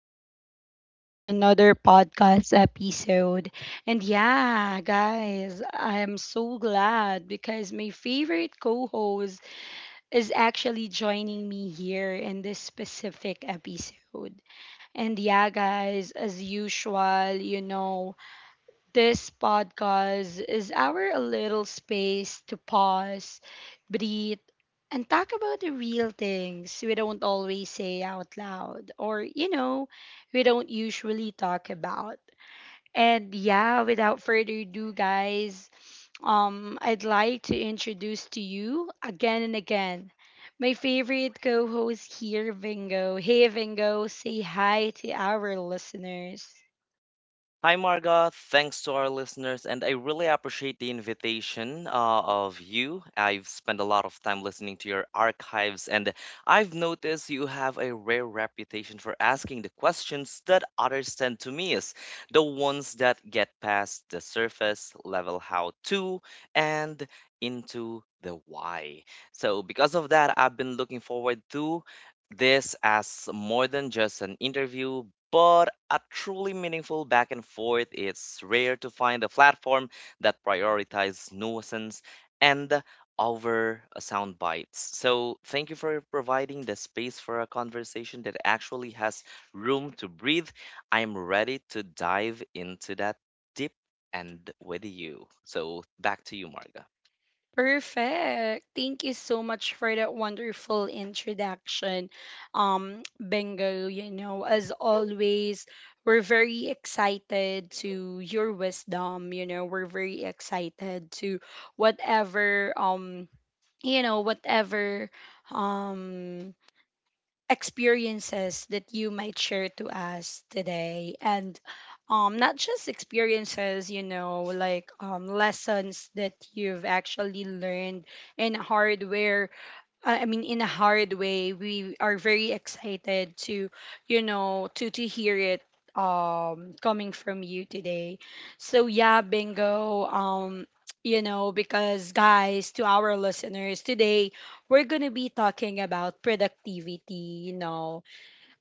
and welcome back to another podcast episode. And yeah, guys, I am so glad because my favorite co host is actually joining me here in this specific episode. And yeah, guys, as usual, you know, this podcast is our little space to pause, breathe, and talk about the real things we don't always say out loud, or, you know, we don't usually talk about. And yeah, without further ado, guys, I'd like to introduce to you again and again my favorite co host here, Vingo. Hey, Vingo, say hi to our listeners. Hi, Marga. Thanks to our listeners, and I really appreciate the invitation of you. I've spent a lot of time listening to your archives, and I've noticed you have a rare reputation for asking the questions that others tend to miss, the ones that get past the surface level how to and into the why. So, because of that, I've been looking forward to this as more than just an interview, but a truly meaningful back and forth. It's rare to find a platform that prioritizes nuisance and over a sound bites. So, thank you for providing the space for a conversation that actually has room to breathe. I'm ready to dive into that deep and with you. So, back to you, Marga. Perfect. Thank you so much for that wonderful introduction, Bingo. You know, as always, we're very excited to your wisdom. You know, we're very excited to whatever, you know, whatever, um, experiences that you might share to us today, and not just experiences, you know, like lessons that you've actually learned in hardware I mean, in a hard way. We are very excited to, you know, to hear it coming from you today. So yeah, bingo. You know, because, guys, to our listeners today, we're gonna be talking about productivity. You know,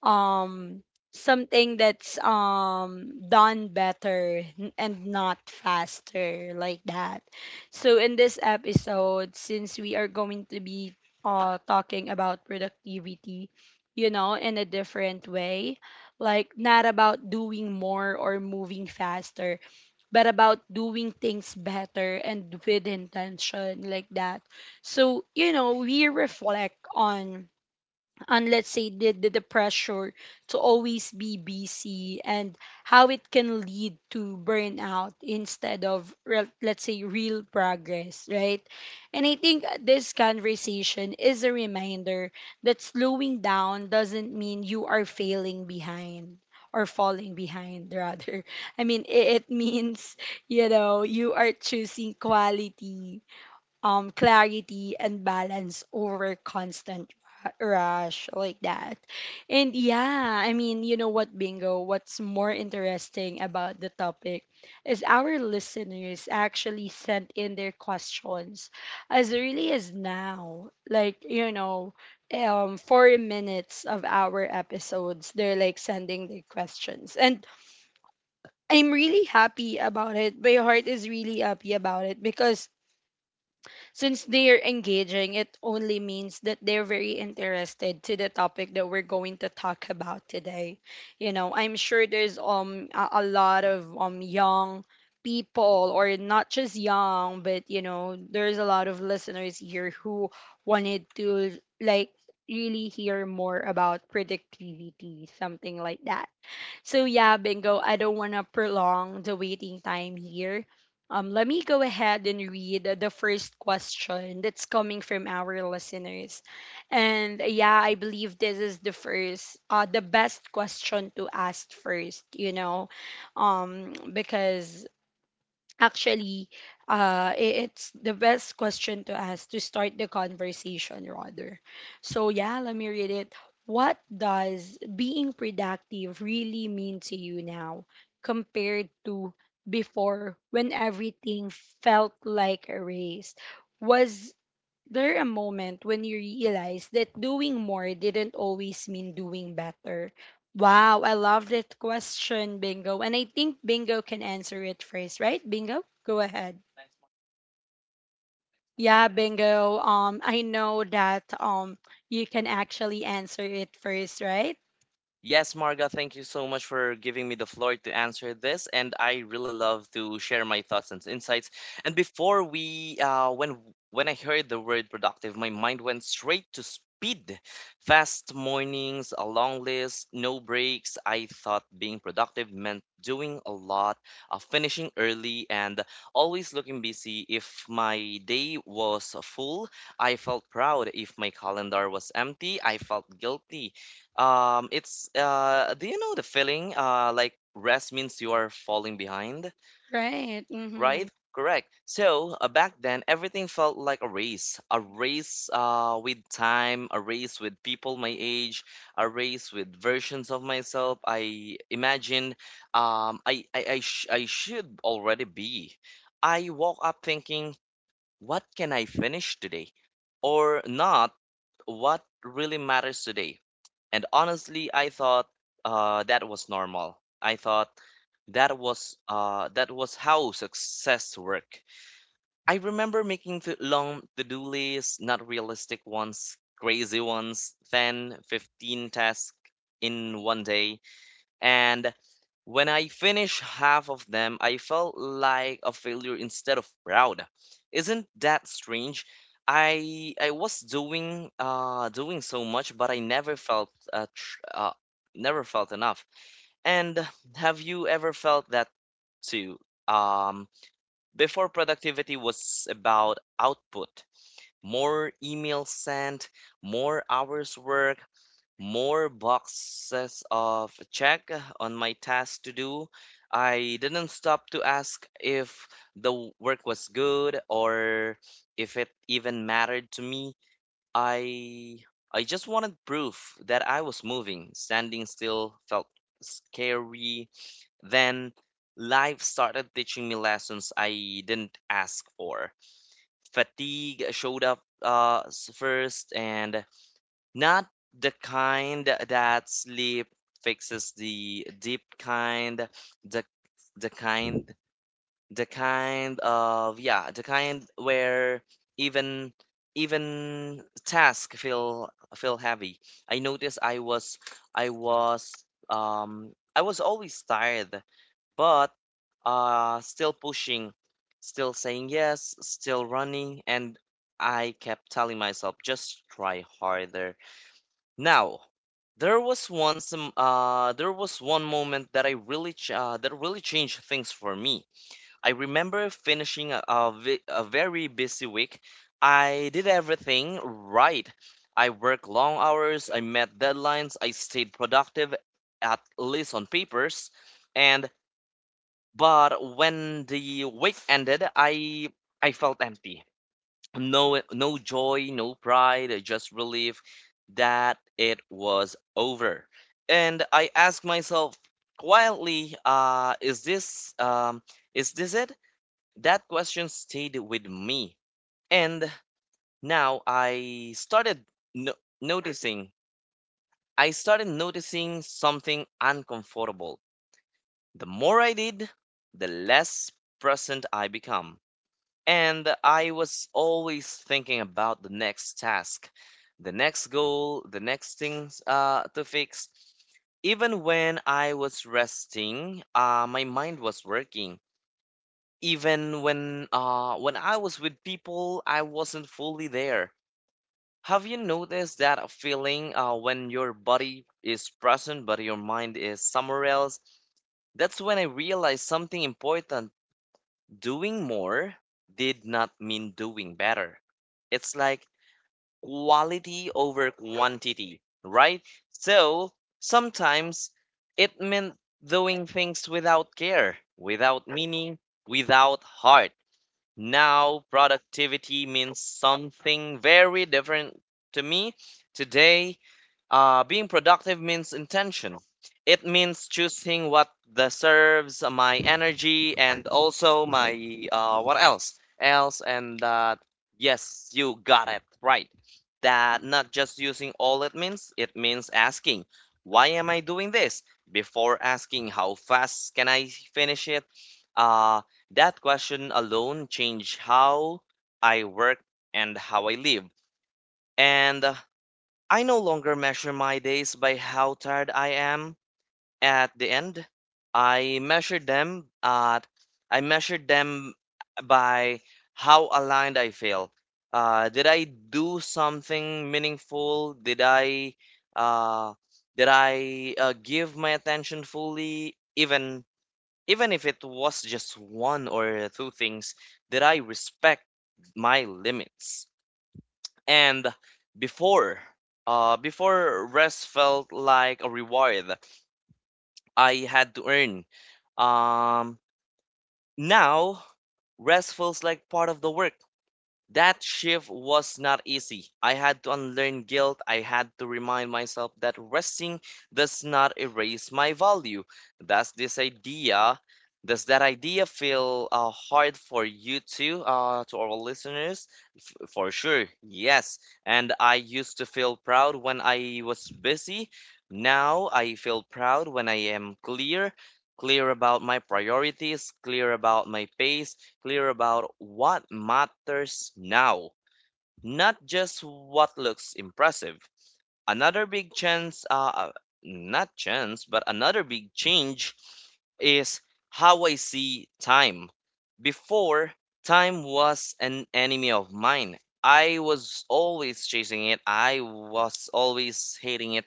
um something that's done better and not faster, like that. So in this episode, since we are going to be talking about productivity, you know, in a different way, like not about doing more or moving faster, but about doing things better and with intention, like that. So, you know, we reflect on, and let's say the pressure to always be busy, and how it can lead to burnout instead of let's say real progress, right? And I think this conversation is a reminder that slowing down doesn't mean you are failing behind, or falling behind rather. I mean, it means, you know, you are choosing quality, clarity, and balance over constant rush, like that. And yeah, I mean, you know what, Bingo, what's more interesting about the topic is our listeners actually sent in their questions as early as now. Like, you know, four minutes of our episodes, they're like sending their questions, and I'm really happy about it. My heart is really happy about it, because since they are engaging, it only means that they're very interested to the topic that we're going to talk about today. You know, I'm sure there's a lot of young people, or not just young, but, you know, there's a lot of listeners here who wanted to like really hear more about productivity, something like that. So yeah, bingo, I don't want to prolong the waiting time here. Let me go ahead and read the first question that's coming from our listeners. And yeah, I believe this is the first, the best question to ask first, you know, um, because Actually, it's the best question to ask to start the conversation, rather. So, yeah, let me read it. What does being productive really mean to you now compared to before when everything felt like a race? Was there a moment when you realize that doing more didn't always mean doing better? Wow, I love that question, Bingo. And I think Bingo can answer it first, right? Bingo, go ahead. Yeah, Bingo. I know that you can actually answer it first, right? Yes, Marga, thank you so much for giving me the floor to answer this, and I really love to share my thoughts and insights. And before we, when I heard the word productive, my mind went straight to speed, fast mornings, a long list, no breaks. I thought being productive meant doing a lot, finishing early, and always looking busy. If my day was full, I felt proud. If my calendar was empty, I felt guilty it's Do you know the feeling? Like rest means you are falling behind, Right. Mm-hmm. right? Correct. So back then, everything felt like a race with time, a race with people my age, a race with versions of myself. I imagine I should already be. I woke up thinking, what can I finish today, or not? What really matters today? And honestly, I thought that was normal. I thought that was how success worked. I remember making long to-do lists, not realistic ones, crazy ones, 10, 15 tasks in one day. And when I finished half of them, I felt like a failure instead of proud. Isn't that strange? I was doing so much, but I never felt enough. And have you ever felt that too? Um, Before, productivity was about output, more emails sent, more hours worked, more boxes of check on my task to do. I didn't stop to ask if the work was good, or if it even mattered to me. I I just wanted proof that I was moving. Standing still felt scary. Then life started teaching me lessons I didn't ask for. Fatigue showed up first, and not the kind that sleep fixes, the deep kind, the the kind the kind where even even task feel heavy. I noticed I was I was always tired, but still pushing, still saying yes, still running, and I kept telling myself, just try harder. Now, there was once there was one moment that really changed things for me. I remember finishing a very busy week. I did everything right. I worked long hours, I met deadlines, I stayed productive, at least on papers, and but when the week ended, I felt empty, no joy, no pride, just relief that it was over. And I asked myself quietly, is this it? That question stayed with me. And now I started no- noticing I started noticing something uncomfortable. The more I did, the less present I become. And I was always thinking about the next task, the next goal, the next things, to fix. Even when I was resting, my mind was working. Even when I was with people, I wasn't fully there. Have you noticed that feeling, when your body is present but your mind is somewhere else? That's when I realized something important. Doing more did not mean doing better. It's like quality over quantity, right? So sometimes it meant doing things without care, without meaning, without heart. Now, productivity means something very different to me. Today, being productive means intention. It means choosing what that serves my energy, and also my, what else? Else, and yes, you got it right. That not just using all it means asking, why am I doing this? Before asking, how fast can I finish it? Uh, that question alone changed how I work and how I live. And I no longer measure my days by how tired I am at the end. I measure them at I measured them by how aligned I feel. Did I do something meaningful? Uh, did I give my attention fully? Even if it was just one or two things, did I respect my limits? And before, before, rest felt like a reward I had to earn. Um, Now rest feels like part of the work. That shift was not easy. I had to unlearn guilt. I had to remind myself that resting does not erase my value. Does this idea, does that idea feel, hard for you too, to our listeners? For sure, yes. And I used to feel proud when I was busy. Now I feel proud when I am clear, clear about my priorities, clear about my pace, clear about what matters now, not just what looks impressive. Another big chance, not chance, but another big change, is how I see time. Before, time was an enemy of mine. I was always chasing it, I was always hating it.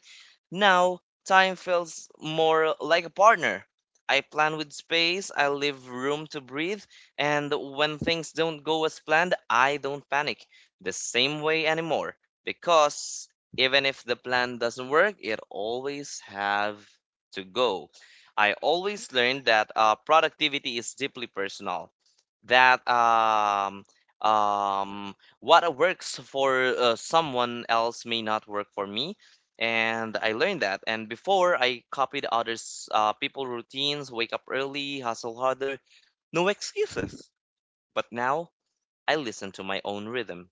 Now, time feels more like a partner. I plan with space, I leave room to breathe, and when things don't go as planned, I don't panic the same way anymore, because even if the plan doesn't work, it always have to go. I always learned that, productivity is deeply personal. That, what works for someone else may not work for me, and I learned that. And before, I copied others, people routines, wake up early, hustle harder, no excuses. But now I listen to my own rhythm.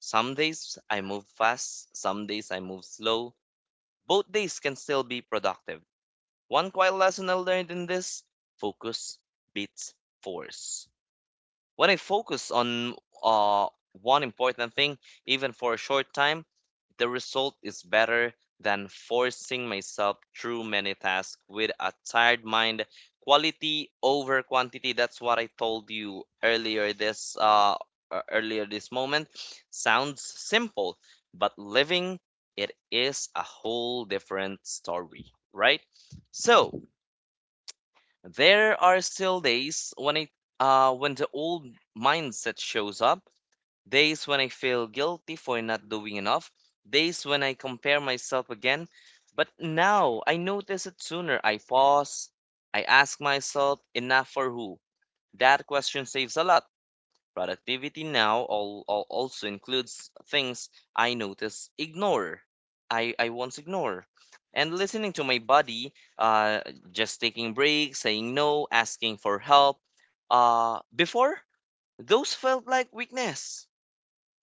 Some days I move fast, some days I move slow, both days can still be productive. One quiet lesson I learned in this: focus beats force. When I focus on uh, one important thing, even for a short time, the result is better than forcing myself through many tasks with a tired mind. Quality over quantity. That's what I told you earlier this moment. Sounds simple, but living it is a whole different story, right? So, there are still days when the old mindset shows up, days when I feel guilty for not doing enough, days when I compare myself again. But now I notice it sooner. I pause, I ask myself, enough for who? That question saves a lot. Productivity now all also includes things I notice ignore. I once ignore. And listening to my body, uh, just taking breaks, saying no, asking for help. Before, those felt like weakness.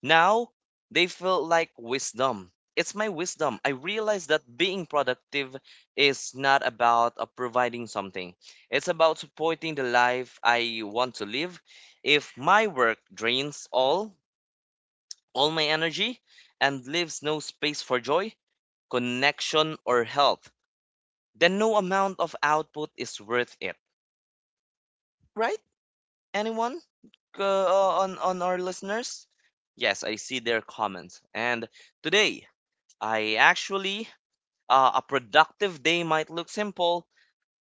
Now they feel like wisdom. It's my wisdom. I realize that being productive is not about, providing something, it's about supporting the life I want to live. If my work drains all my energy and leaves no space for joy, connection, or health, then no amount of output is worth it. Right? Anyone, uh, on our listeners? Yes, I see their comments. And today, I actually, a productive day might look simple: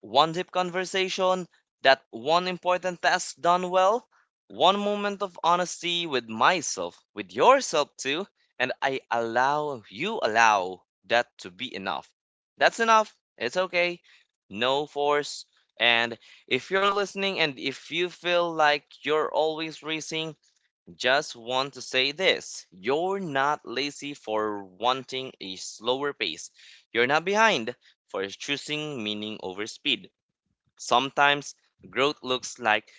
one deep conversation, that one important task done well, one moment of honesty with myself, with yourself too, and you allow that to be enough. That's enough. It's okay. No force. And if you're listening, and if you feel like you're always racing, just want to say this: you're not lazy for wanting a slower pace. You're not behind for choosing meaning over speed. Sometimes growth looks like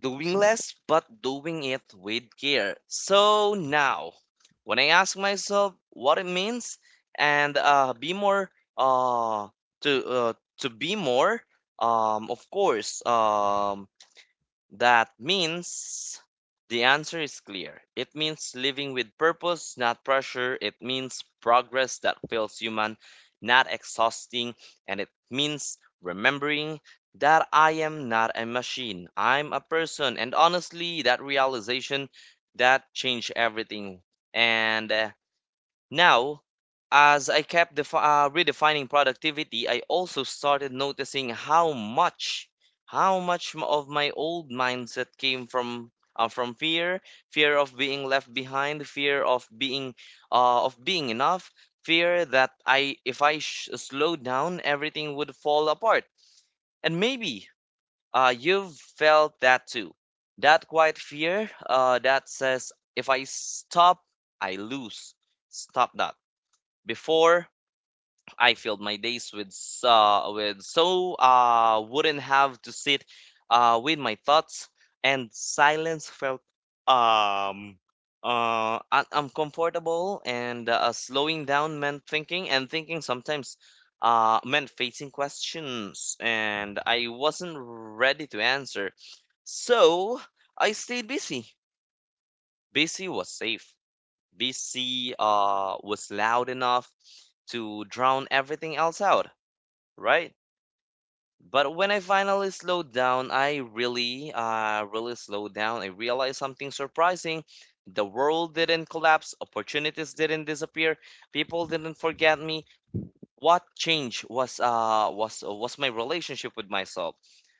doing less but doing it with care. So now, when I ask myself what it means, and be more uh, to uh, to be more, of course, that means, the answer is clear. It means living with purpose, not pressure. It means progress that feels human, not exhausting. And it means remembering that I am not a machine, I'm a person. And honestly, that realization that changed everything. And now, as I kept redefining productivity, I also started noticing how much of my old mindset came from fear, fear of being left behind, fear of being enough, fear that I if I sh- slow down, everything would fall apart. And maybe, you've felt that too. That quiet fear, that says, if I stop, I lose. Stop that before, I filled my days with with so wouldn't have to sit with my thoughts and silence felt um uncomfortable and slowing down meant thinking, and thinking sometimes meant facing questions and I wasn't ready to answer. So, I stayed busy. Busy was safe. BC was loud enough to drown everything else out, right? But when I finally slowed down, I really, really slowed down. I realized something surprising. The world didn't collapse, opportunities didn't disappear, people didn't forget me. What changed was my relationship with myself.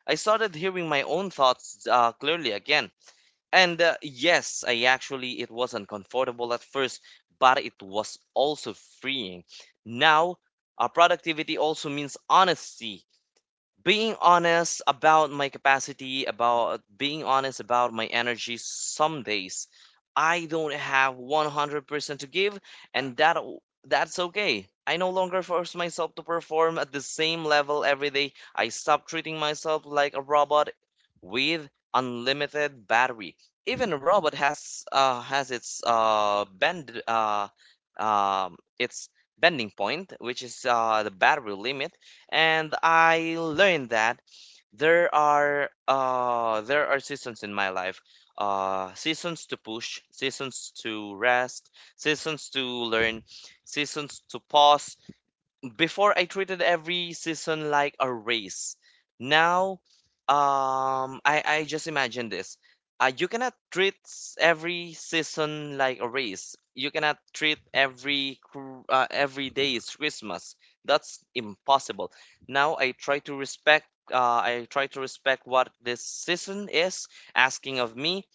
I started hearing my own thoughts clearly again. And yes, I actually, it was uncomfortable at first, but it was also freeing. Now, our productivity also means honesty, being honest about my capacity, about being honest about my energy. Some days I don't have 100% to give, and that's okay. I no longer force myself to perform at the same level every day. I stop treating myself like a robot with unlimited battery. Even a robot has its bend its bending point, which is the battery limit, and I learned that there are seasons in my life. Seasons to push, seasons to rest, seasons to learn, seasons to pause. Before, I treated every season like a race. Now, I just imagine this. You cannot treat every season like a race. You cannot treat every every day is Christmas. That's impossible. Now I try to respect. I try to respect what this season is asking of me.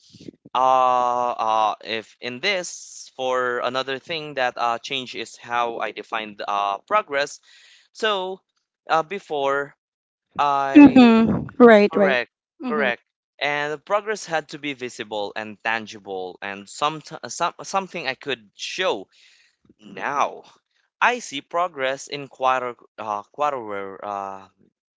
If in this, for another thing that change is how I define progress. So, before I Mm-hmm. Right, right. correct, correct, and the progress had to be visible and tangible, and some something I could show. Now, I see progress in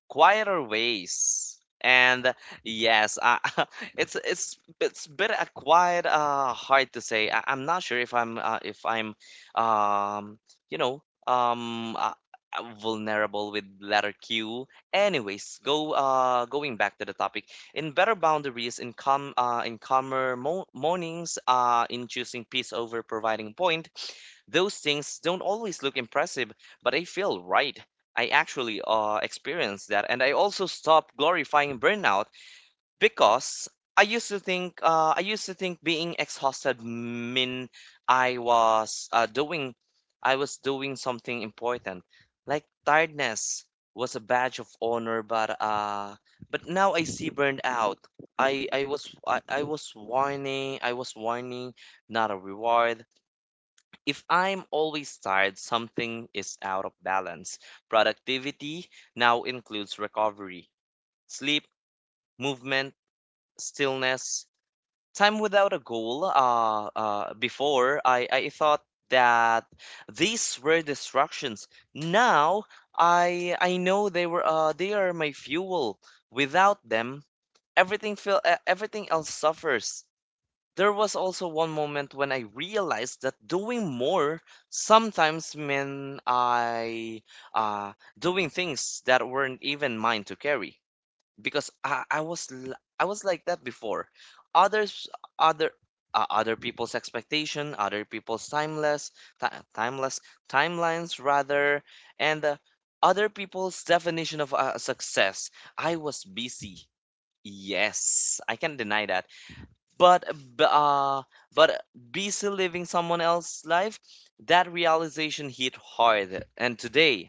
quieter ways. And yes, I, it's a bit quite hard to say. I, I'm not sure if I'm, if I'm um you know um uh, vulnerable with letter Q. Anyways, go going back to the topic, in better boundaries, in calm in calmer mornings, in choosing peace over providing point, those things don't always look impressive, but they feel right. I actually experienced that. And I also stopped glorifying burnout, because I used to think being exhausted mean I was uh, doing I was doing something important, like tiredness was a badge of honor. But now I see burned out. I was whining. I was whining, not a reward. If I'm always tired, something is out of balance. Productivity now includes recovery, sleep, movement, stillness, time without a goal. Before, I thought that these were distractions. Now, I know they are my fuel. Without them, everything else suffers. There was also one moment when I realized that doing more sometimes meant I uh, doing things that weren't even mine to carry, because I was I was like that before. Others other Other people's expectation, other people's timeless ti timeless timelines rather, and other people's definition of success. I was busy. Yes, I can deny that, but b- uh but busy living someone else's life. That realization hit hard. And today,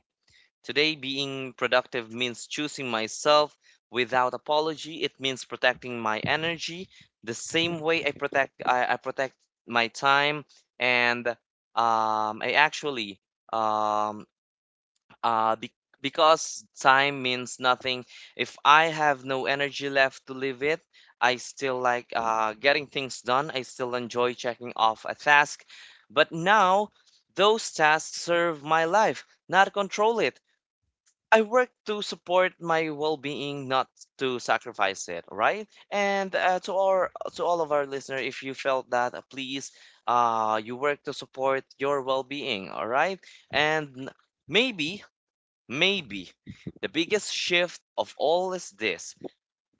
today being productive means choosing myself without apology. It means protecting my energy the same way I I protect my time. And I actually, um uh be- because time means nothing if I have no energy left to live it. I still like getting things done. I still enjoy checking off a task, but now those tasks serve my life, not control it. I work to support my well-being, not to sacrifice it, right? And to all of our listener, if you felt that, please, you work to support your well-being, all right? And maybe, maybe the biggest shift of all is this: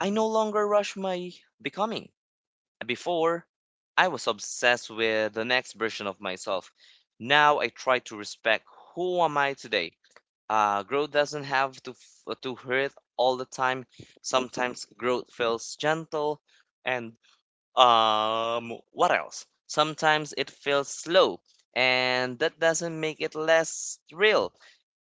I no longer rush my becoming. Before, I was obsessed with the next version of myself. Now I try to respect who am I today. Growth doesn't have to hurt all the time. Sometimes growth feels gentle, and what else? Sometimes it feels slow, and that doesn't make it less real.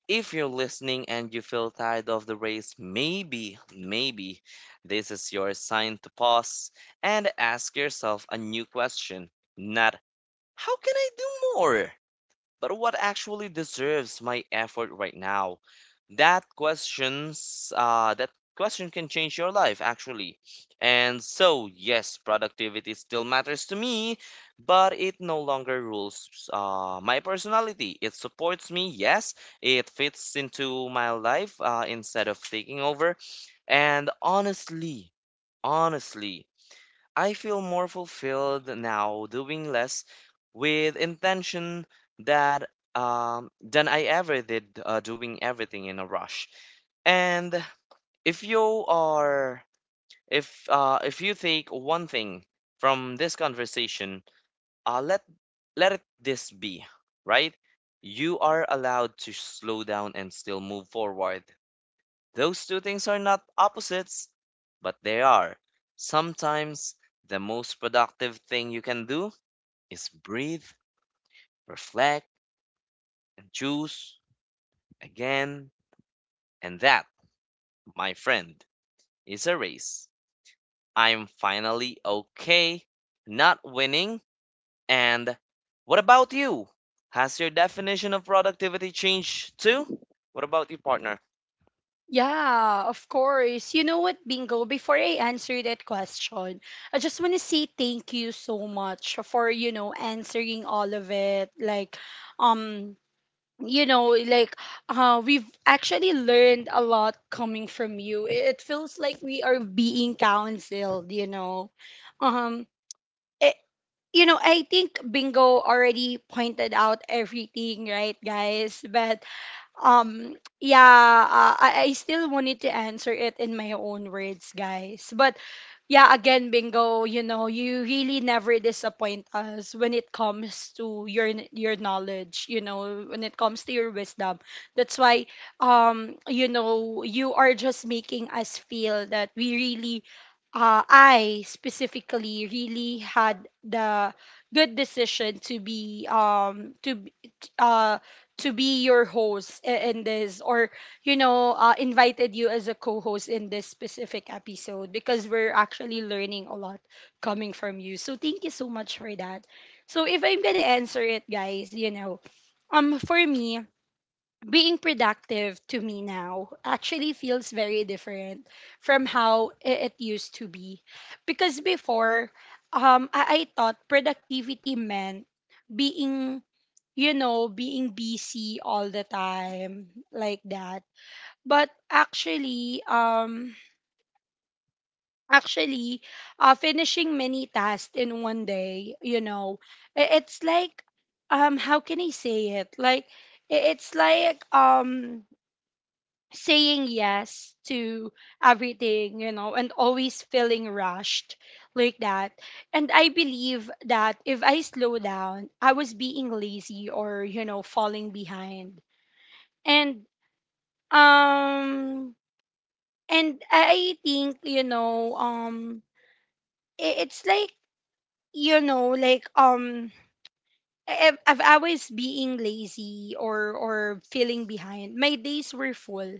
If you're listening and you feel tired of the race, maybe, maybe this is your sign to pause and ask yourself a new question. Not how can I do more, but what actually deserves my effort right now? That questions that question can change your life, actually. And so, yes, productivity still matters to me, but it no longer rules my personality. It supports me, yes, it fits into my life instead of taking over. And honestly, honestly, I feel more fulfilled now doing less with intention, that than I ever did doing everything in a rush. And if you are, if you take one thing from this conversation, uh, let let it this be, right? You are allowed to slow down and still move forward. Those two things are not opposites, but they are. Sometimes the most productive thing you can do is breathe, reflect, and choose again. And that, my friend, is a race. I'm finally okay not winning. And what about you? Has your definition of productivity changed too? What about you, partner? Yeah, of course. You know what, Bingo, before I answer that question, I just want to say thank you so much for, you know, answering all of it. Like, um, you know, like we've actually learned a lot coming from you. It feels like we are being counseled, you know. Um, it, you know, I think Bingo already pointed out everything, right, guys? But um yeah, I still wanted to answer it in my own words, guys. But yeah, again, bingo, you know, you really never disappoint us when it comes to your knowledge, you know, when it comes to your wisdom. That's why, you know, you are just making us feel that we really I specifically really had the good decision to be uh to be your host in this, or, you know, invited you as a co-host in this specific episode, because we're actually learning a lot coming from you. So thank you so much for that. So if I'm gonna answer it, guys, you know, for me, being productive to me now actually feels very different from how it used to be. Because before, I thought productivity meant being, you know, being busy all the time, like that. But actually, actually finishing many tasks in one day, you know, it's like how can I say it? Like it's like, saying yes to everything, you know, and always feeling rushed, like that. And I believe that if I slow down, I was being lazy, or, you know, falling behind. And um and I think, you know, it's like, you know, like I've always being lazy, or feeling behind. My days were full,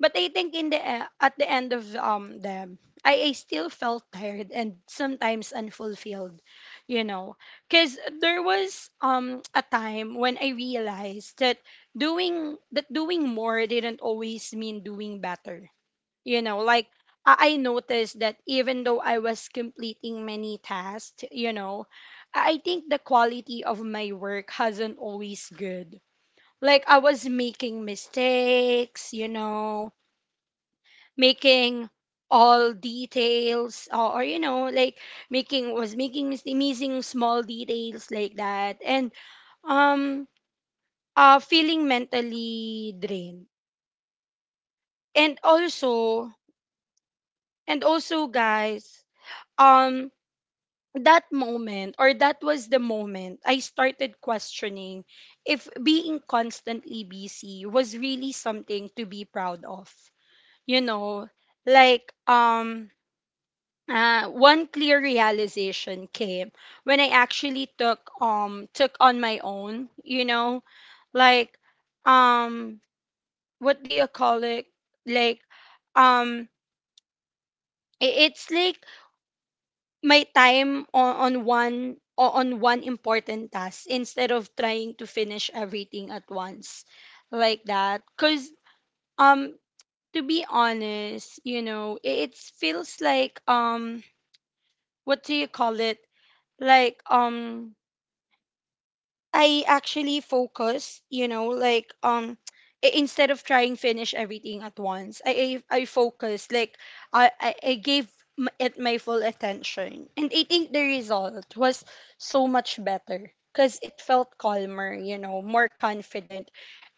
but I think in the at the end of them, I still felt tired and sometimes unfulfilled, you know, because there was a time when I realized that doing more didn't always mean doing better. You know, like I noticed that even though I was completing many tasks, you know, I think the quality of my work hasn't always good. Like, I was making mistakes, you know, making all details, or, you know, like making was making mis- missing small details, like that, and um feeling mentally drained. And also and also, guys, um. that moment, or that was the moment I started questioning if being constantly busy was really something to be proud of. You know, like one clear realization came when I actually took took on my own, you know, like um what do you call it? Like um it's like my time on on one important task instead of trying to finish everything at once, like that. Cuz um to be honest, you know, it feels like what do you call it, like, I actually focus, you know, like instead of trying finish everything at once, I focus like I gave it my full attention, and I think the result was so much better because it felt calmer, you know, more confident,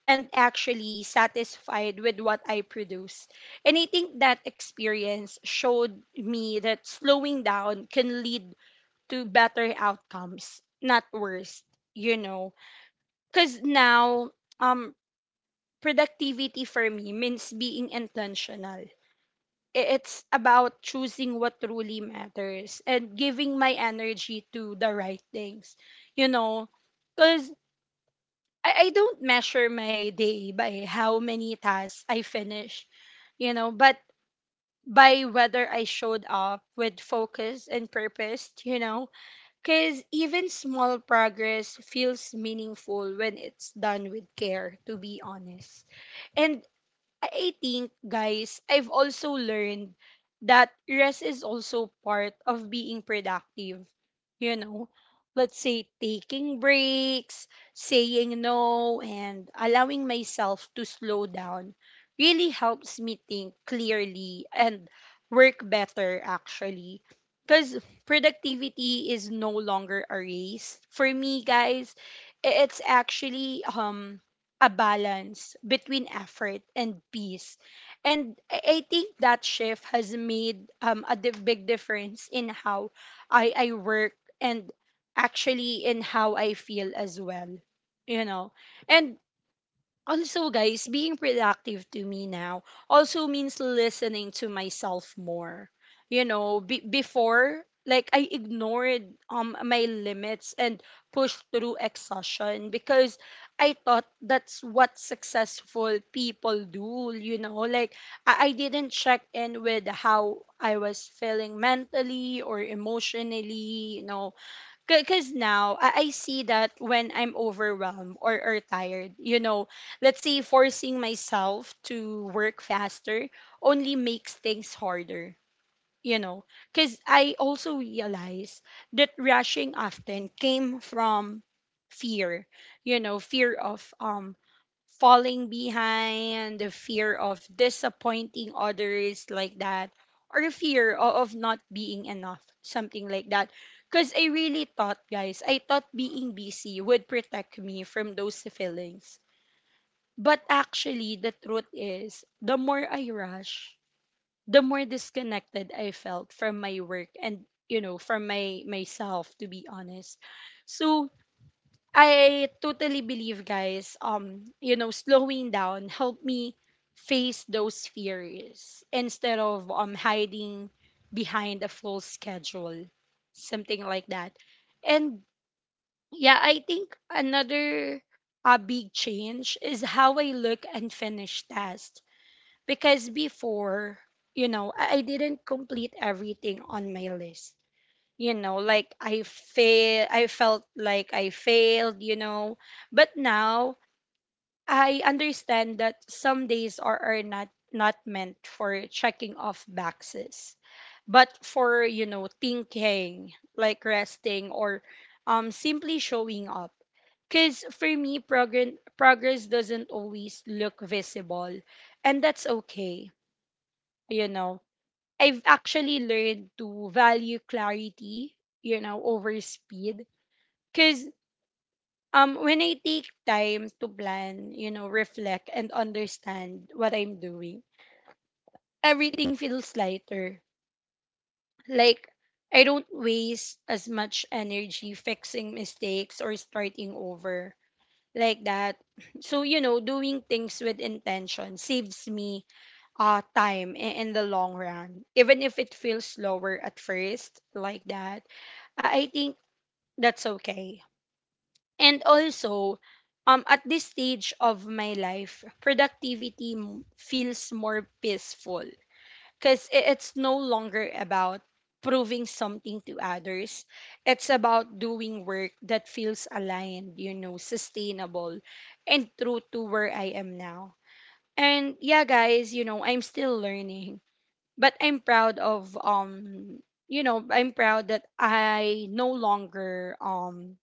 and actually satisfied with what I produce. And I think that experience showed me that slowing down can lead to better outcomes, not worse. You know, because now, um, productivity for me means being intentional. It's about choosing what truly matters and giving my energy to the right things, you know? Because I don't measure my day by how many tasks I finish, you know, but by whether I showed up with focus and purpose, you know? Because even small progress feels meaningful when it's done with care, to be honest. And I think, guys, I've also learned that rest is also part of being productive. You know, let's say taking breaks, saying no, and allowing myself to slow down really helps me think clearly and work better, actually. Because productivity is no longer a race. For me, guys, it's actually a balance between effort and peace. And I think that shift has made big difference in how I work, and actually in how I feel as well. You know, and also, guys, being productive to me now also means listening to myself more, you know. Before, like, I ignored my limits and pushed through exhaustion because I thought that's what successful people do. You know, like I didn't check in with how I was feeling mentally or emotionally, you know. Because now I see that when I'm overwhelmed, or tired, you know, let's say forcing myself to work faster only makes things harder, you know. Because I also realize that rushing often came from fear, you know, fear of falling behind, the fear of disappointing others, like that, or fear of not being enough, something like that. Because I really thought, guys, I thought being busy would protect me from those feelings. But actually, the truth is, the more I rush, the more disconnected I felt from my work, and, you know, from my myself, to be honest. So, I totally believe, guys, you know, slowing down helped me face those fears instead of hiding behind a full schedule, something like that. And yeah, I think another big change is how I look and finish tasks because before, you know, I didn't complete everything on my list, you know. Like I felt like I failed, you know. But now I understand that some days are not meant for checking off boxes but for, you know, thinking, like resting or simply showing up because for me progress doesn't always look visible, and that's okay, you know. I've actually learned to value clarity, you know, over speed. Because when I take time to plan, you know, reflect and understand what I'm doing, everything feels lighter. Like, I don't waste as much energy fixing mistakes or starting over like that. So, you know, doing things with intention saves me time in the long run, even if it feels slower at first, like that. I think that's okay. And also, at this stage of my life, productivity feels more peaceful because it's no longer about proving something to others. It's about doing work that feels aligned, you know, sustainable and true to where I am now. And yeah, guys, you know, I'm still learning, but I'm proud of you know, I'm proud that I no longer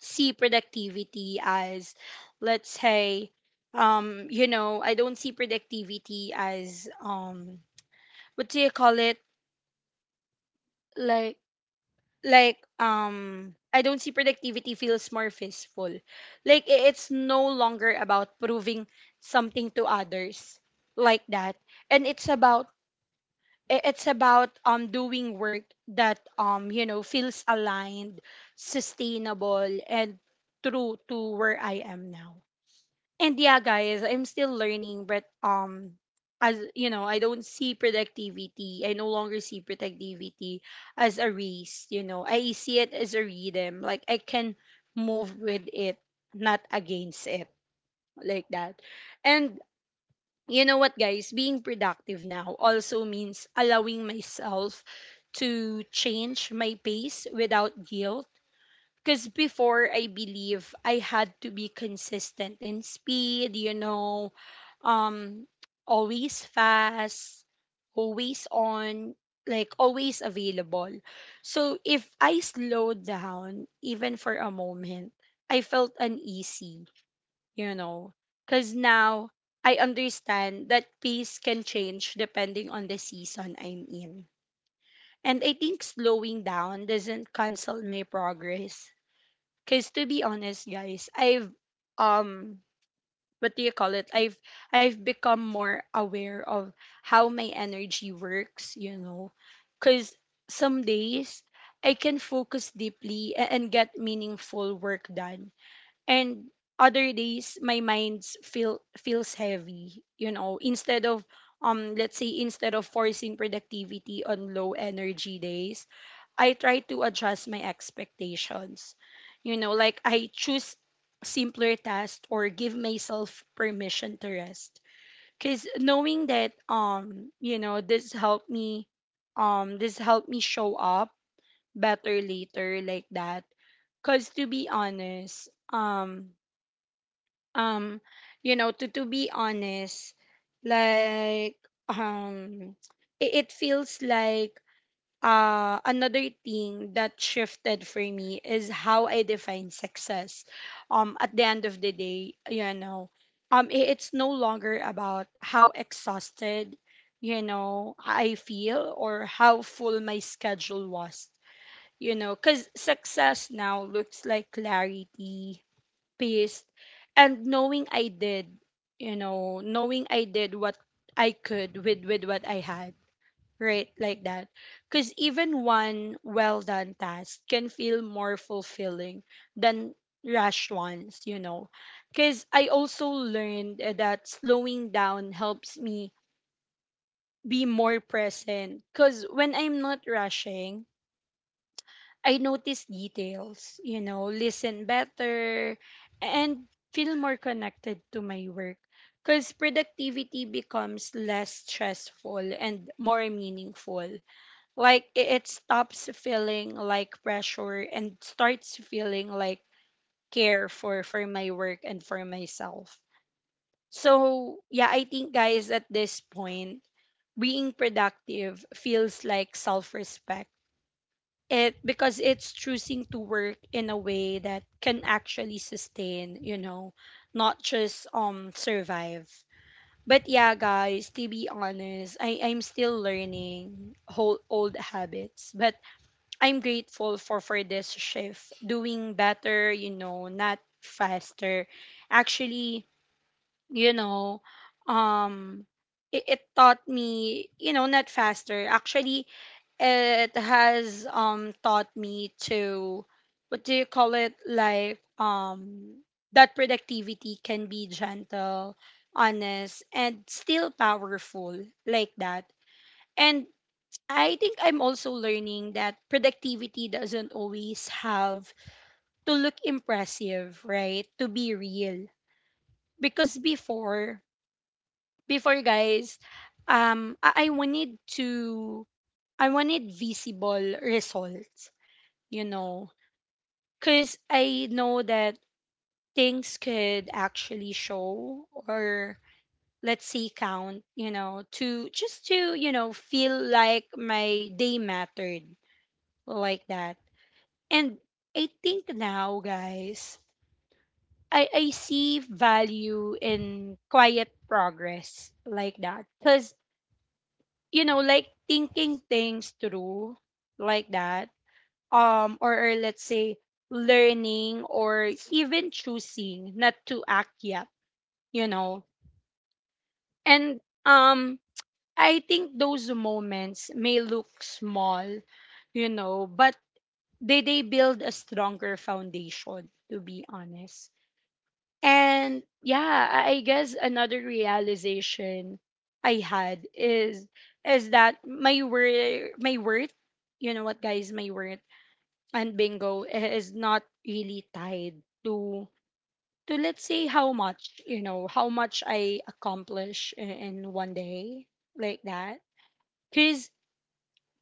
see productivity as, let's say, you know, I don't see productivity as, what do you call it like like I don't see productivity feels more peaceful. Like it's no longer about proving something to others, like that. And it's about, it's about, doing work that, you know, feels aligned, sustainable, and true to where I am now. And yeah, guys, I'm still learning, but as you know, I don't see productivity. I no longer see productivity as a race. You know, I see it as a rhythm. Like I can move with it, not against it, like that. And you know what, guys? Being productive now also means allowing myself to change my pace without guilt because before I believe I had to be consistent in speed, you know, um, always fast, always on, like always available. So if I slowed down even for a moment, I felt uneasy, you know, because now I understand that pace can change depending on the season I'm in. And I think slowing down doesn't cancel my progress. Cause to be honest, guys, I've um what do you call it? I've become more aware of how my energy works, you know. Cause some days I can focus deeply and get meaningful work done. And other days my mind feels heavy, you know. Instead of, let's say, instead of forcing productivity on low energy days, I try to adjust my expectations. You know, like I choose simpler tasks or give myself permission to rest. Cause knowing that, you know, this helped me, this helped me show up better later, like that. Cause to be honest, um you know, to be honest, like, um it, it feels like, another thing that shifted for me is how I define success. At the end of the day, you know, it's no longer about how exhausted, you know, I feel or how full my schedule was. You know, because success now looks like clarity, peace, and knowing I did, you know, knowing I did what I could with, what I had, right? Like that. Because even one well done task can feel more fulfilling than rushed ones, you know. Because I also learned, eh, that slowing down helps me be more present. Because when I'm not rushing, I notice details, you know, listen better, and feel more connected to my work. Because productivity becomes less stressful and more meaningful. Like it stops feeling like pressure and starts feeling like care for, my work and for myself. So yeah, I think, guys, at this point being productive feels like self-respect. It because it's choosing to work in a way that can actually sustain, you know, not just survive. But yeah, guys, to be honest, I'm still learning whole old habits, but I'm grateful for, this shift. Doing better, you know, not faster. Actually, you know, um it, it taught me, you know, not faster. Actually, it has taught me to, what do you call it? Like, that productivity can be gentle, honest, and still powerful, like that. And I think I'm also learning that productivity doesn't always have to look impressive, right? To be real. Because before, before guys, I wanted to, I wanted visible results, you know, cuz I know that things could actually show or, let's say, count, you know, to just to, you know, feel like my day mattered, like that. And I think now, guys, I see value in quiet progress, like that. Because, you know, like thinking things through like that, or, let's say learning or even choosing not to act yet, you know. And um I think those moments may look small, you know, but they build a stronger foundation, to be honest. And yeah, I guess another realization I had is, that you know what, guys, my worth and bingo is not really tied to, let's say, how much, you know, how much I accomplish in, one day, like that. Cuz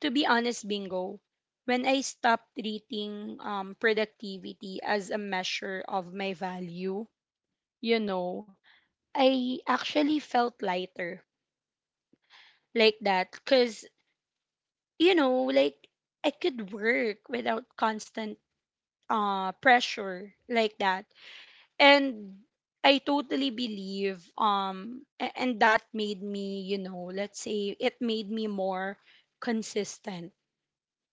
to be honest, bingo, when I stopped treating productivity as a measure of my value, you know, I actually felt lighter, like that, because, you know, like I could work without constant pressure, like that. And I totally believe, and that made me, you know, let's say it made me more consistent.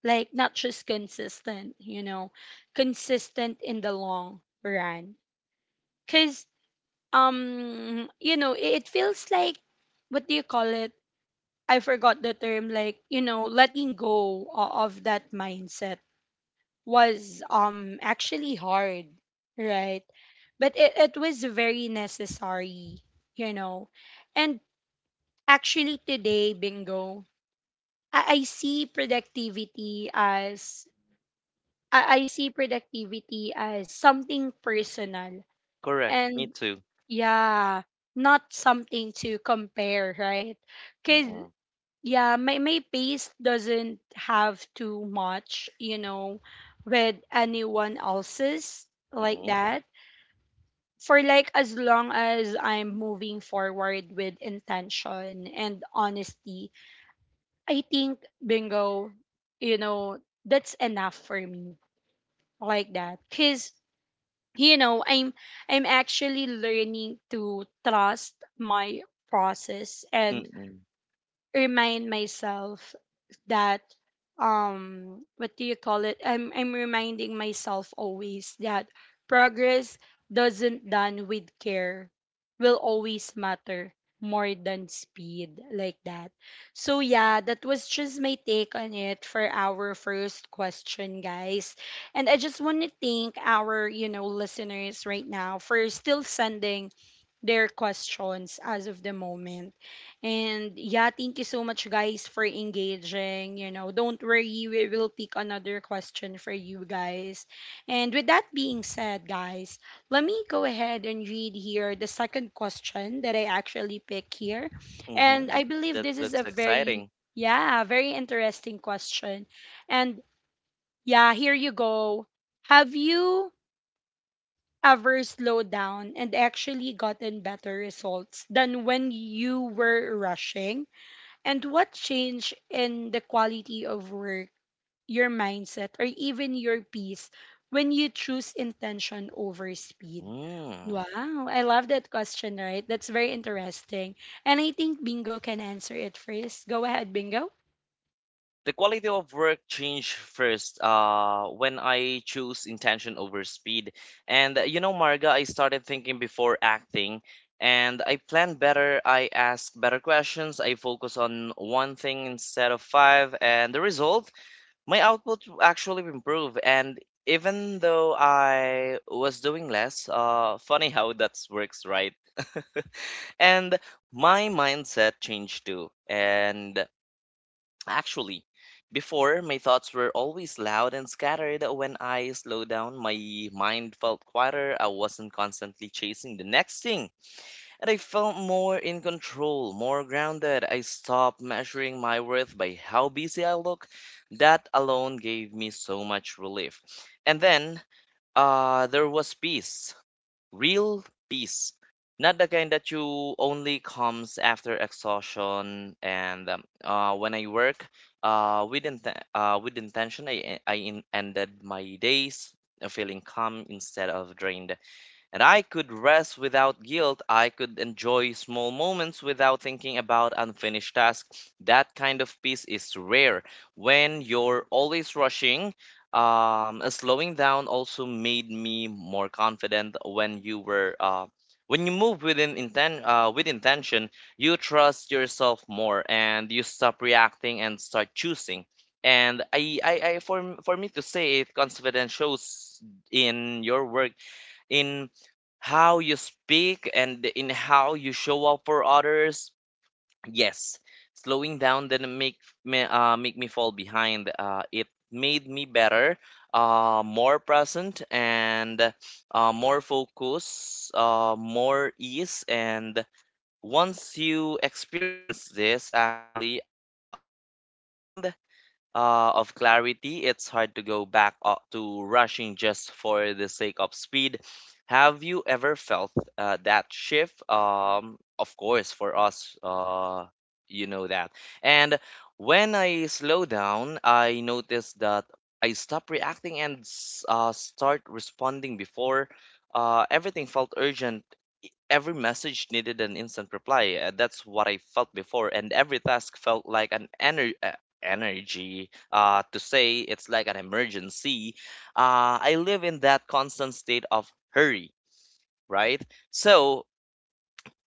Like, not just consistent, you know, consistent in the long run. Cuz you know, it feels like, what do you call it, I forgot the term, like, you know, letting go of that mindset was actually hard, right? But it was very necessary, you know. And actually today, bingo, I see productivity as, I see productivity as something personal. Correct, me And too. yeah, not something to compare, right? Because Mm-mm, yeah, my pace doesn't have too much, you know, with anyone else's, like mm-mm, that. For, like, as long as I'm moving forward with intention and honesty, I think, bingo, you know, that's enough for me, like that, because, you know, I'm actually learning to trust my process and mm-mm, remind myself that, what do you call it, I'm reminding myself always that progress doesn't done with care will always matter more than speed, like that. So yeah, that was just my take on it for our first question, guys. And I just want to thank our, you know, listeners right now for still sending their questions as of the moment. And yeah, thank you so much, guys, for engaging. You know, don't worry, we will pick another question for you guys. And with that being said, guys, let me go ahead and read here the second question that I actually picked here. And mm-hmm. I believe That this is looks a very, exciting. yeah, very interesting question. And yeah, here you go. Have you ever slowed down and actually gotten better results than when you were rushing? And what changed in the quality of work, your mindset, or even your peace when you choose intention over speed? Mm. Wow, I love that question, right? That's very interesting. And I think Bingo can answer it first. Go ahead, Bingo. The quality of work changed first when I chose intention over speed. And you know, Marga, I started thinking before acting, and I plan better. I ask better questions. I focus on one thing instead of five. And the result, my output actually improved. And even though I was doing less, funny how that works, right? And my mindset changed too. And actually, before, my thoughts were always loud and scattered. When I slowed down, my mind felt quieter. I wasn't constantly chasing the next thing, and I felt more in control, more grounded. I stopped measuring my worth by how busy I look. That alone gave me so much relief. And then, there was peace. Real peace. Not the kind that you only comes after exhaustion. And when I work with, inten- with intention, I ended my days feeling calm instead of drained, and I could rest without guilt. I could enjoy small moments without thinking about unfinished tasks. That kind of peace is rare. When you're always rushing, slowing down also made me more confident when you were. When you move with intention, you trust yourself more, and you stop reacting and start choosing. And for me to say it, confidence shows in your work, in how you speak, and in how you show up for others. Yes, slowing down didn't make make me fall behind. It made me better, more present, and more ease. And once you experience this, actually, that kind of clarity, it's hard to go back to rushing just for the sake of speed. Have you ever felt that shift? Of course, for us, you know that. And when I slow down, I notice that I stop reacting and start responding. Before, everything felt urgent, every message needed an instant reply. That's what I felt before, and every task felt like an ener- energy to say it's like an emergency. I live in that constant state of hurry, right? So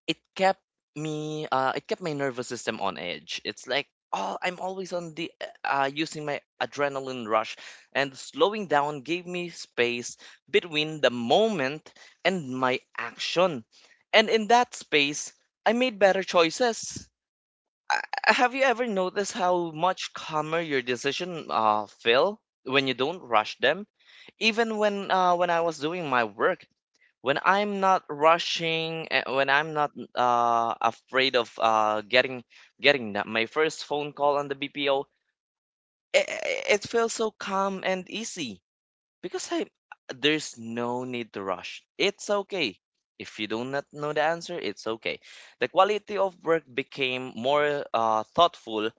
it kept me, it kept my nervous system on edge. It's like, oh, I'm always on the using my adrenaline rush. And slowing down gave me space between the moment and my action, and in that space I made better choices. Uh, have you ever noticed how much calmer your decision feel when you don't rush them? Even when, when I was doing my work, when I'm not rushing, when I'm not afraid of getting that, my first phone call on the BPO, it, it feels so calm and easy. Because I, there's no need to rush. It's okay. If you do not know the answer, it's okay. The quality of work became more thoughtful.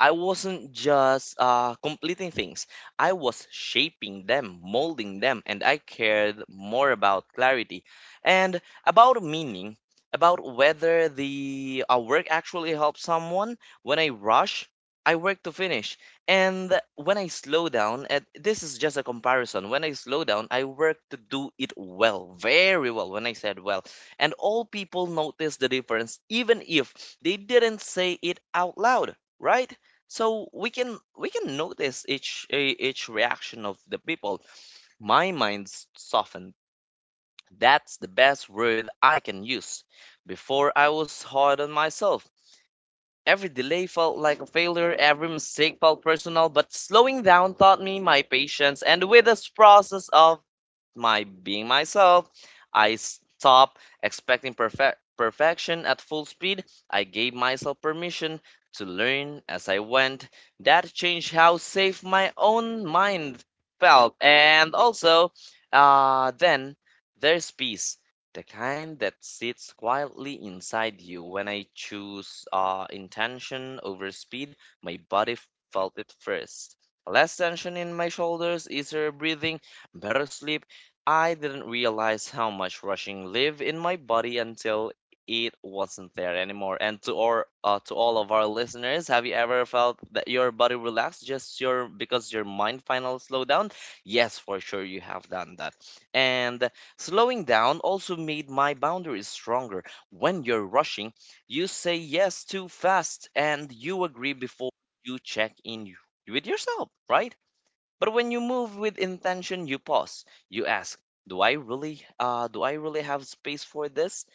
I wasn't just completing things. I was shaping them, molding them, and I cared more about clarity and about meaning, about whether the work actually helps someone. When I rush, I work to finish. And when I slow down, and this is just a comparison, when I slow down, I work to do it well, very well. When I said well, and all people notice the difference, even if they didn't say it out loud, right? So we can notice each each reaction of the people. My mind's softened. That's the best word I can use. Before, I was hard on myself. Every delay felt like a failure, every mistake felt personal, but slowing down taught me my patience, and with this process of my being myself. I stopped expecting perfect perfection at full speed. I gave myself permission to learn as I went. That changed how safe my own mind felt. And also, then there's peace. The kind that sits quietly inside you. When I choose intention over speed, my body felt it first. Less tension in my shoulders, easier breathing, better sleep. I didn't realize how much rushing lived in my body until it wasn't there anymore. And to or To all of our listeners, have you ever felt that your body relaxed just your because your mind finally slowed down? Yes, for sure you have done that. And slowing down also made my boundaries stronger. When you're rushing, you say yes too fast and you agree before you check in with yourself, right? But when you move with intention, you pause. You ask, do I really have space for this?"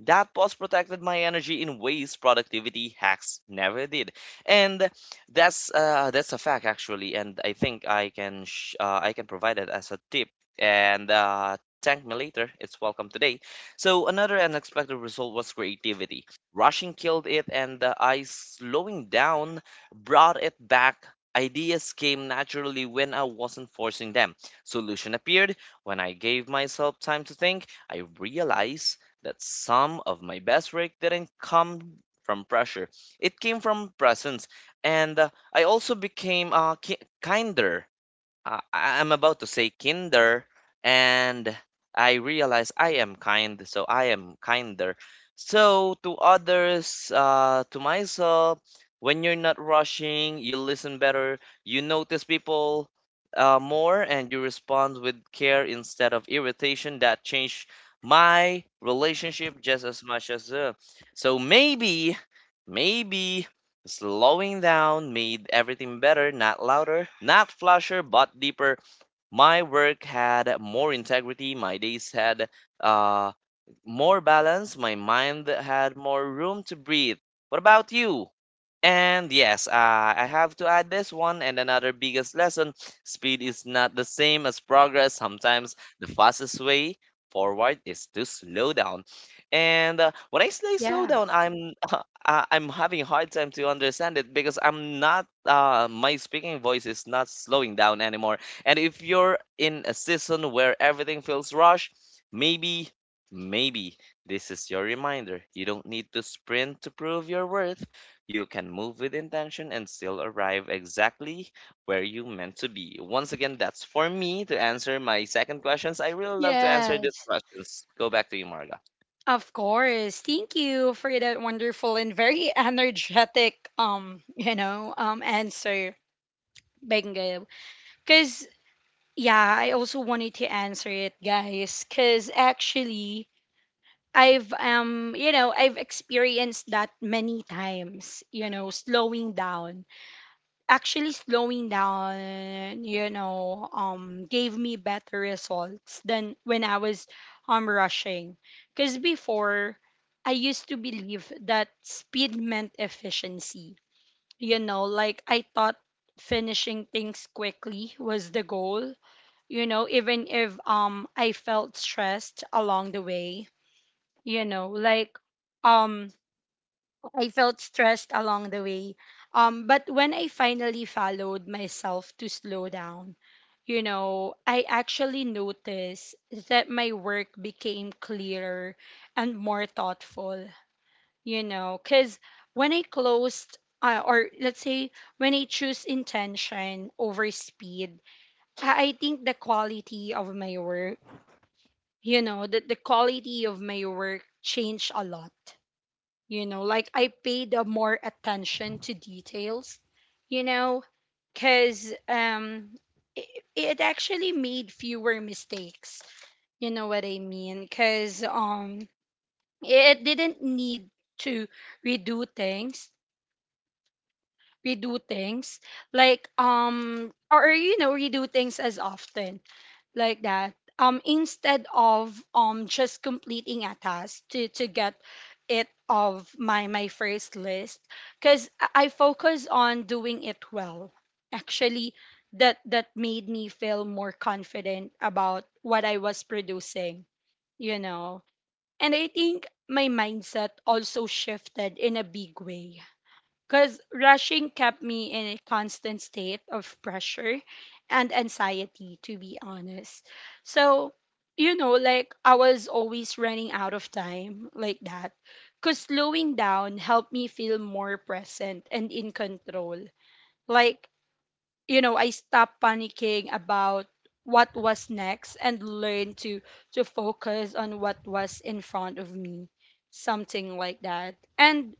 That pause protected my energy in ways productivity hacks never did, and that's a fact actually. And I think I can I can provide it as a tip. And thank me later. It's welcome today. So another unexpected result was creativity. Rushing killed it, and the I slowing down brought it back. Ideas came naturally when I wasn't forcing them. Solution appeared when I gave myself time to think. I realized that some of my best work didn't come from pressure. It came from presence, and I also became kinder. I'm about to say kinder, and I realize I am kind, so I am kinder. So to others, to myself, when you're not rushing, you listen better, you notice people more, and you respond with care instead of irritation. That changed my relationship just as much as so maybe, maybe. Slowing down made everything better, not louder, not flasher, but deeper. My work had more integrity, my days had uh, more balance, my mind had more room to breathe. What about you? And yes, I have to add this one and another biggest lesson. Speed is not the same as progress. Sometimes the fastest way forward is to slow down. And when I say slow Yeah. down, I'm I'm having a hard time to understand it because I'm not my speaking voice is not slowing down anymore. And if you're in a season where everything feels rushed, maybe maybe this is your reminder. You don't need to sprint to prove your worth. You can move with intention and still arrive exactly where you meant to be. Once again, that's for me to answer my second questions. I really love to answer these Yes. questions. Go back to you, Marga. Of course. Thank you for that wonderful and very energetic you know, answer, Bengal. Cause yeah, I also wanted to answer it, guys. Cause actually I've you know, I've experienced that many times, you know, slowing down, you know, gave me better results than when I was rushing. Because before, I used to believe that speed meant efficiency. You know, like I thought finishing things quickly was the goal. You know, even if I felt stressed along the way. You know, like um I felt stressed along the way. But when I finally followed myself to slow down, you know, I actually noticed that my work became clearer and more thoughtful, you know, because when I closed, or let's say when I choose intention over speed, I think the quality of my work, you know, that the quality of my work changed a lot. You know, like I paid more attention to details, you know, because it actually made fewer mistakes, you know what I mean, because it didn't need to redo things redo things like or you know redo things as often like that. Instead of just completing a task to get it of my first list, because I focus on doing it well, actually, that made me feel more confident about what I was producing, you know. And I think my mindset also shifted in a big way, because rushing kept me in a constant state of pressure and anxiety, to be honest. So, you know, like I was always running out of time like that. Because slowing down helped me feel more present and in control. Like, you know, I stopped panicking about what was next and learned to focus on what was in front of me, something like that. And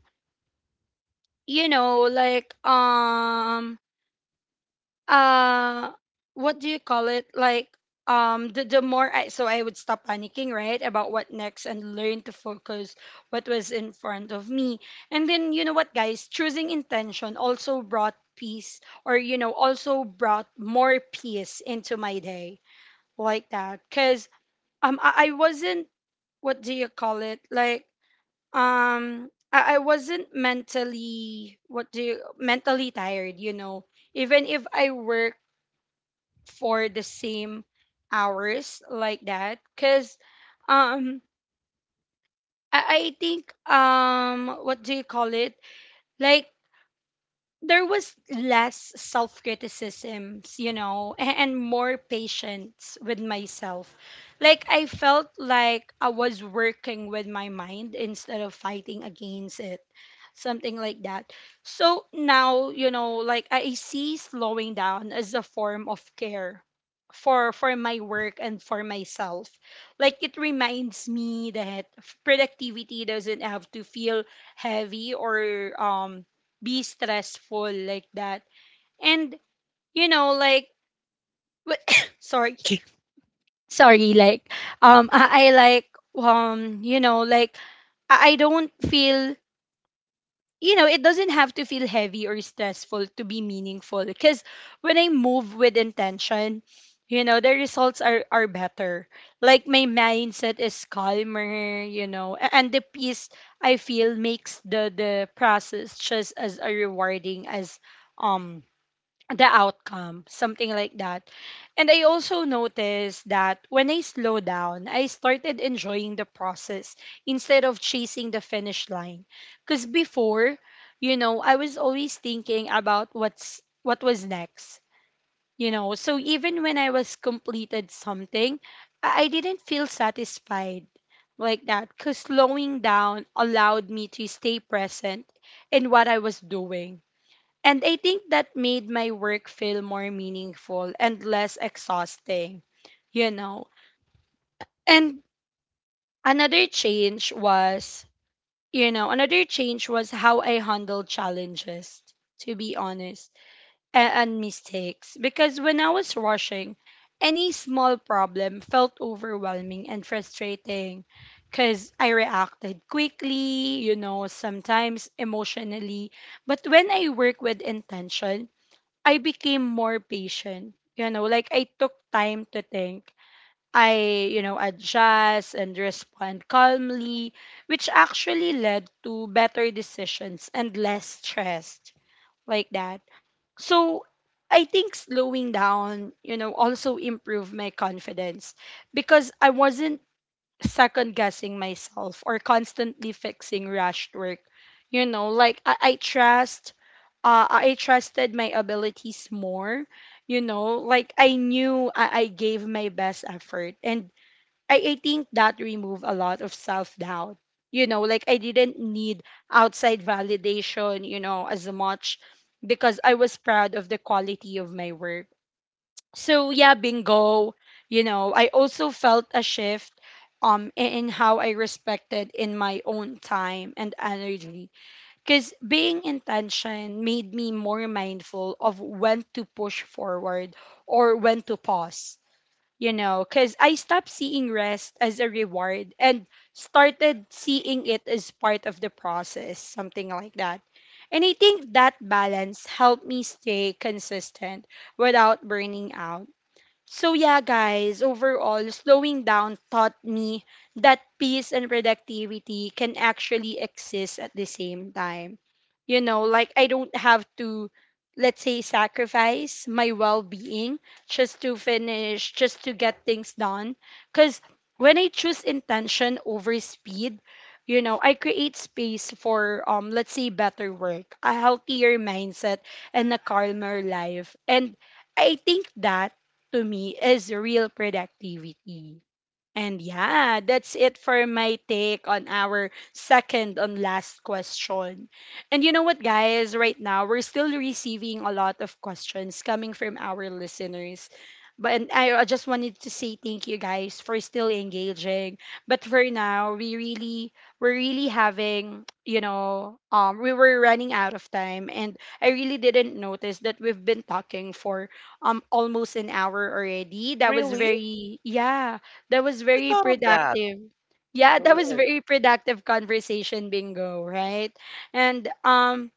you know, like uh what do you call it? Like the more I so I would stop panicking, right, about what next and learn to focus what was in front of me. And then you know what guys, choosing intention also brought peace, or you know, also brought more peace into my day like that, cuz I wasn't what do you call it? Like I wasn't mentally, what do you, mentally tired, you know, even if I work for the same hours like that, because um I think what do you call it, like there was less self criticisms, you know, and more patience with myself. Like, I felt like I was working with my mind instead of fighting against it, something like that. So now, you know, like, I see slowing down as a form of care for my work and for myself, like it reminds me that productivity doesn't have to feel heavy or be stressful like that. And you know, like sorry, sorry, like I like you know, like I don't feel, you know, it doesn't have to feel heavy or stressful to be meaningful, because when I move with intention, you know, the results are better. Like my mindset is calmer, you know, and the peace I feel makes the process just as a rewarding as um the outcome, something like that. And I also noticed that when I slow down, I started enjoying the process instead of chasing the finish line. Because before, you know, I was always thinking about what was next. You know, so even when I was completed something, I didn't feel satisfied like that, because slowing down allowed me to stay present in what I was doing, and I think that made my work feel more meaningful and less exhausting, you know. And another change was, you know, another change was how I handle challenges, to be honest, and mistakes. Because when I was rushing, any small problem felt overwhelming and frustrating, because I reacted quickly, you know, sometimes emotionally. But when I work with intention, I became more patient. You know, like I took time to think. I, you know, adjust and respond calmly, which actually led to better decisions and less stressed like that. So I think slowing down, you know, also improved my confidence because I wasn't second guessing myself or constantly fixing rushed work. You know, like I trusted my abilities more. You know, like I knew I gave my best effort. And I think that removed a lot of self doubt. You know, like I didn't need outside validation, you know, as much, because I was proud of the quality of my work. So, yeah, bingo. You know, I also felt a shift in how I respected in my own time and energy, because being intention made me more mindful of when to push forward or when to pause, you know, because I stopped seeing rest as a reward and started seeing it as part of the process, something like that. And I think that balance helped me stay consistent without burning out. So, yeah, guys, overall, slowing down taught me that peace and productivity can actually exist at the same time. You know, like I don't have to, let's say, sacrifice my well being just to finish, just to get things done. Because when I choose intention over speed, you know, I create space for, let's say, better work, a healthier mindset, and a calmer life. And I think that to me is real productivity. And yeah, that's it for my take on our second and last question. And you know what, guys? Right now, we're still receiving a lot of questions coming from our listeners. But and I just wanted to say thank you guys for still engaging. But for now, we really we're really having, you know, we were running out of time, and I really didn't notice that we've been talking for almost an hour already. That was Really? very, yeah, that was I very thought of that. productive. Yeah, that was Correct. very productive conversation, bingo, right? And um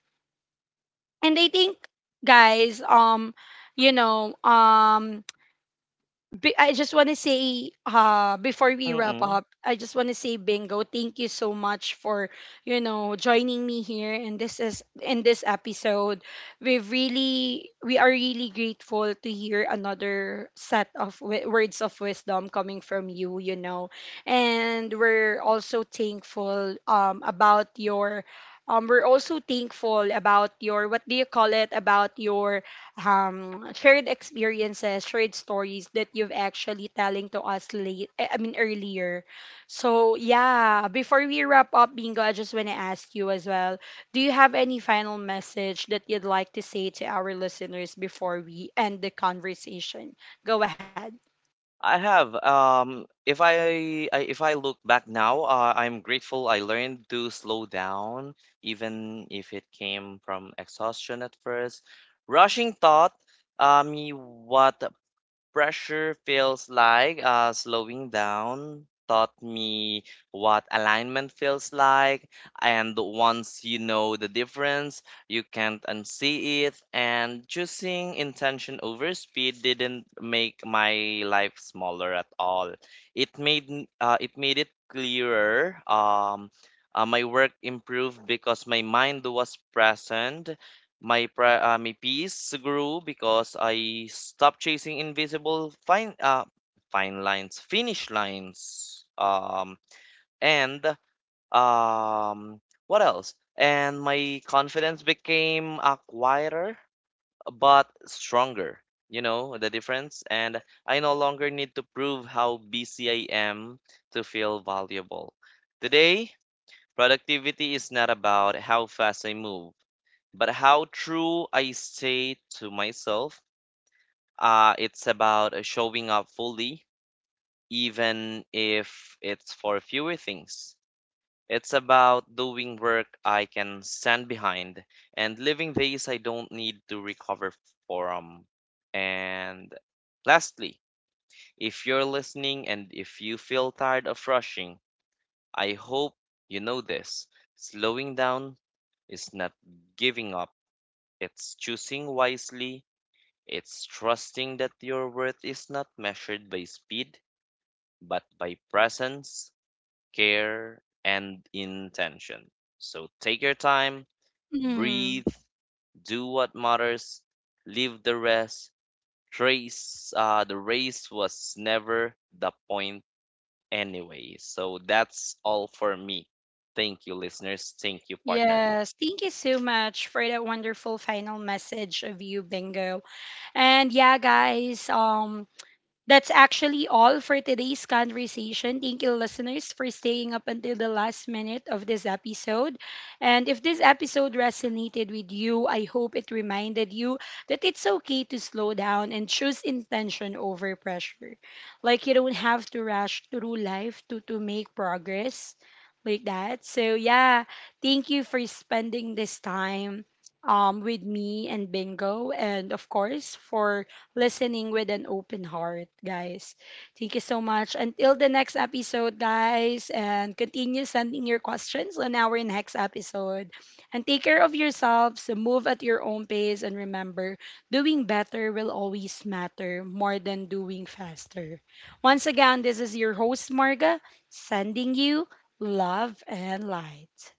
and I think guys, you know, I just want to say, before we wrap Mm-mm. up, I just want to say, Bingo, thank you so much for, you know, joining me here. And this is in this episode, we are really grateful to hear another set of words of wisdom coming from you, you know, and we're also thankful, about your. We're also thankful about your, what do you call it, about your shared experiences, shared stories that you've actually telling to us late I mean earlier. So yeah, before we wrap up, bingo, I just want to ask you as well, do you have any final message that you'd like to say to our listeners before we end the conversation? Go ahead. I have. If I look back now, I'm grateful I learned to slow down, even if it came from exhaustion at first. Rushing taught me what pressure feels like. Slowing down taught me what alignment feels like. And once you know the difference, you can't unsee it. And choosing intention over speed didn't make my life smaller at all. It made it made it clearer. My work improved because my mind was present. My peace grew because I stopped chasing invisible finish lines. And um what else? And my confidence became quieter but stronger. You know the difference? And I no longer need to prove how busy I am to feel valuable. Today, productivity is not about how fast I move, but how true I stay to myself. It's about showing up fully, even if it's for fewer things. It's about doing work I can stand behind and living days I don't need to recover from. And lastly, if you're listening and if you feel tired of rushing, I hope you know this. Slowing down is not giving up, it's choosing wisely. It's trusting that your worth is not measured by speed, but by presence, care, and intention. So take your time, Mm, breathe, do what matters, leave the rest. The race was never the point anyway. So that's all for me. Thank you, listeners. Thank you, partner. yes, thank you so much for that wonderful final message of you, Bingo. And yeah, guys, that's actually all for today's conversation. Thank you, listeners, for staying up until the last minute of this episode. And if this episode resonated with you, I hope it reminded you that it's okay to slow down and choose intention over pressure. Like, you don't have to rush through life to, make progress like that. So, yeah, thank you for spending this time with me and Bingo, and of course, for listening with an open heart, guys. Thank you so much. Until the next episode, guys, and continue sending your questions on our next episode. And take care of yourselves, move at your own pace, and remember, doing better will always matter more than doing faster. Once again, this is your host, Marga, sending you love and light.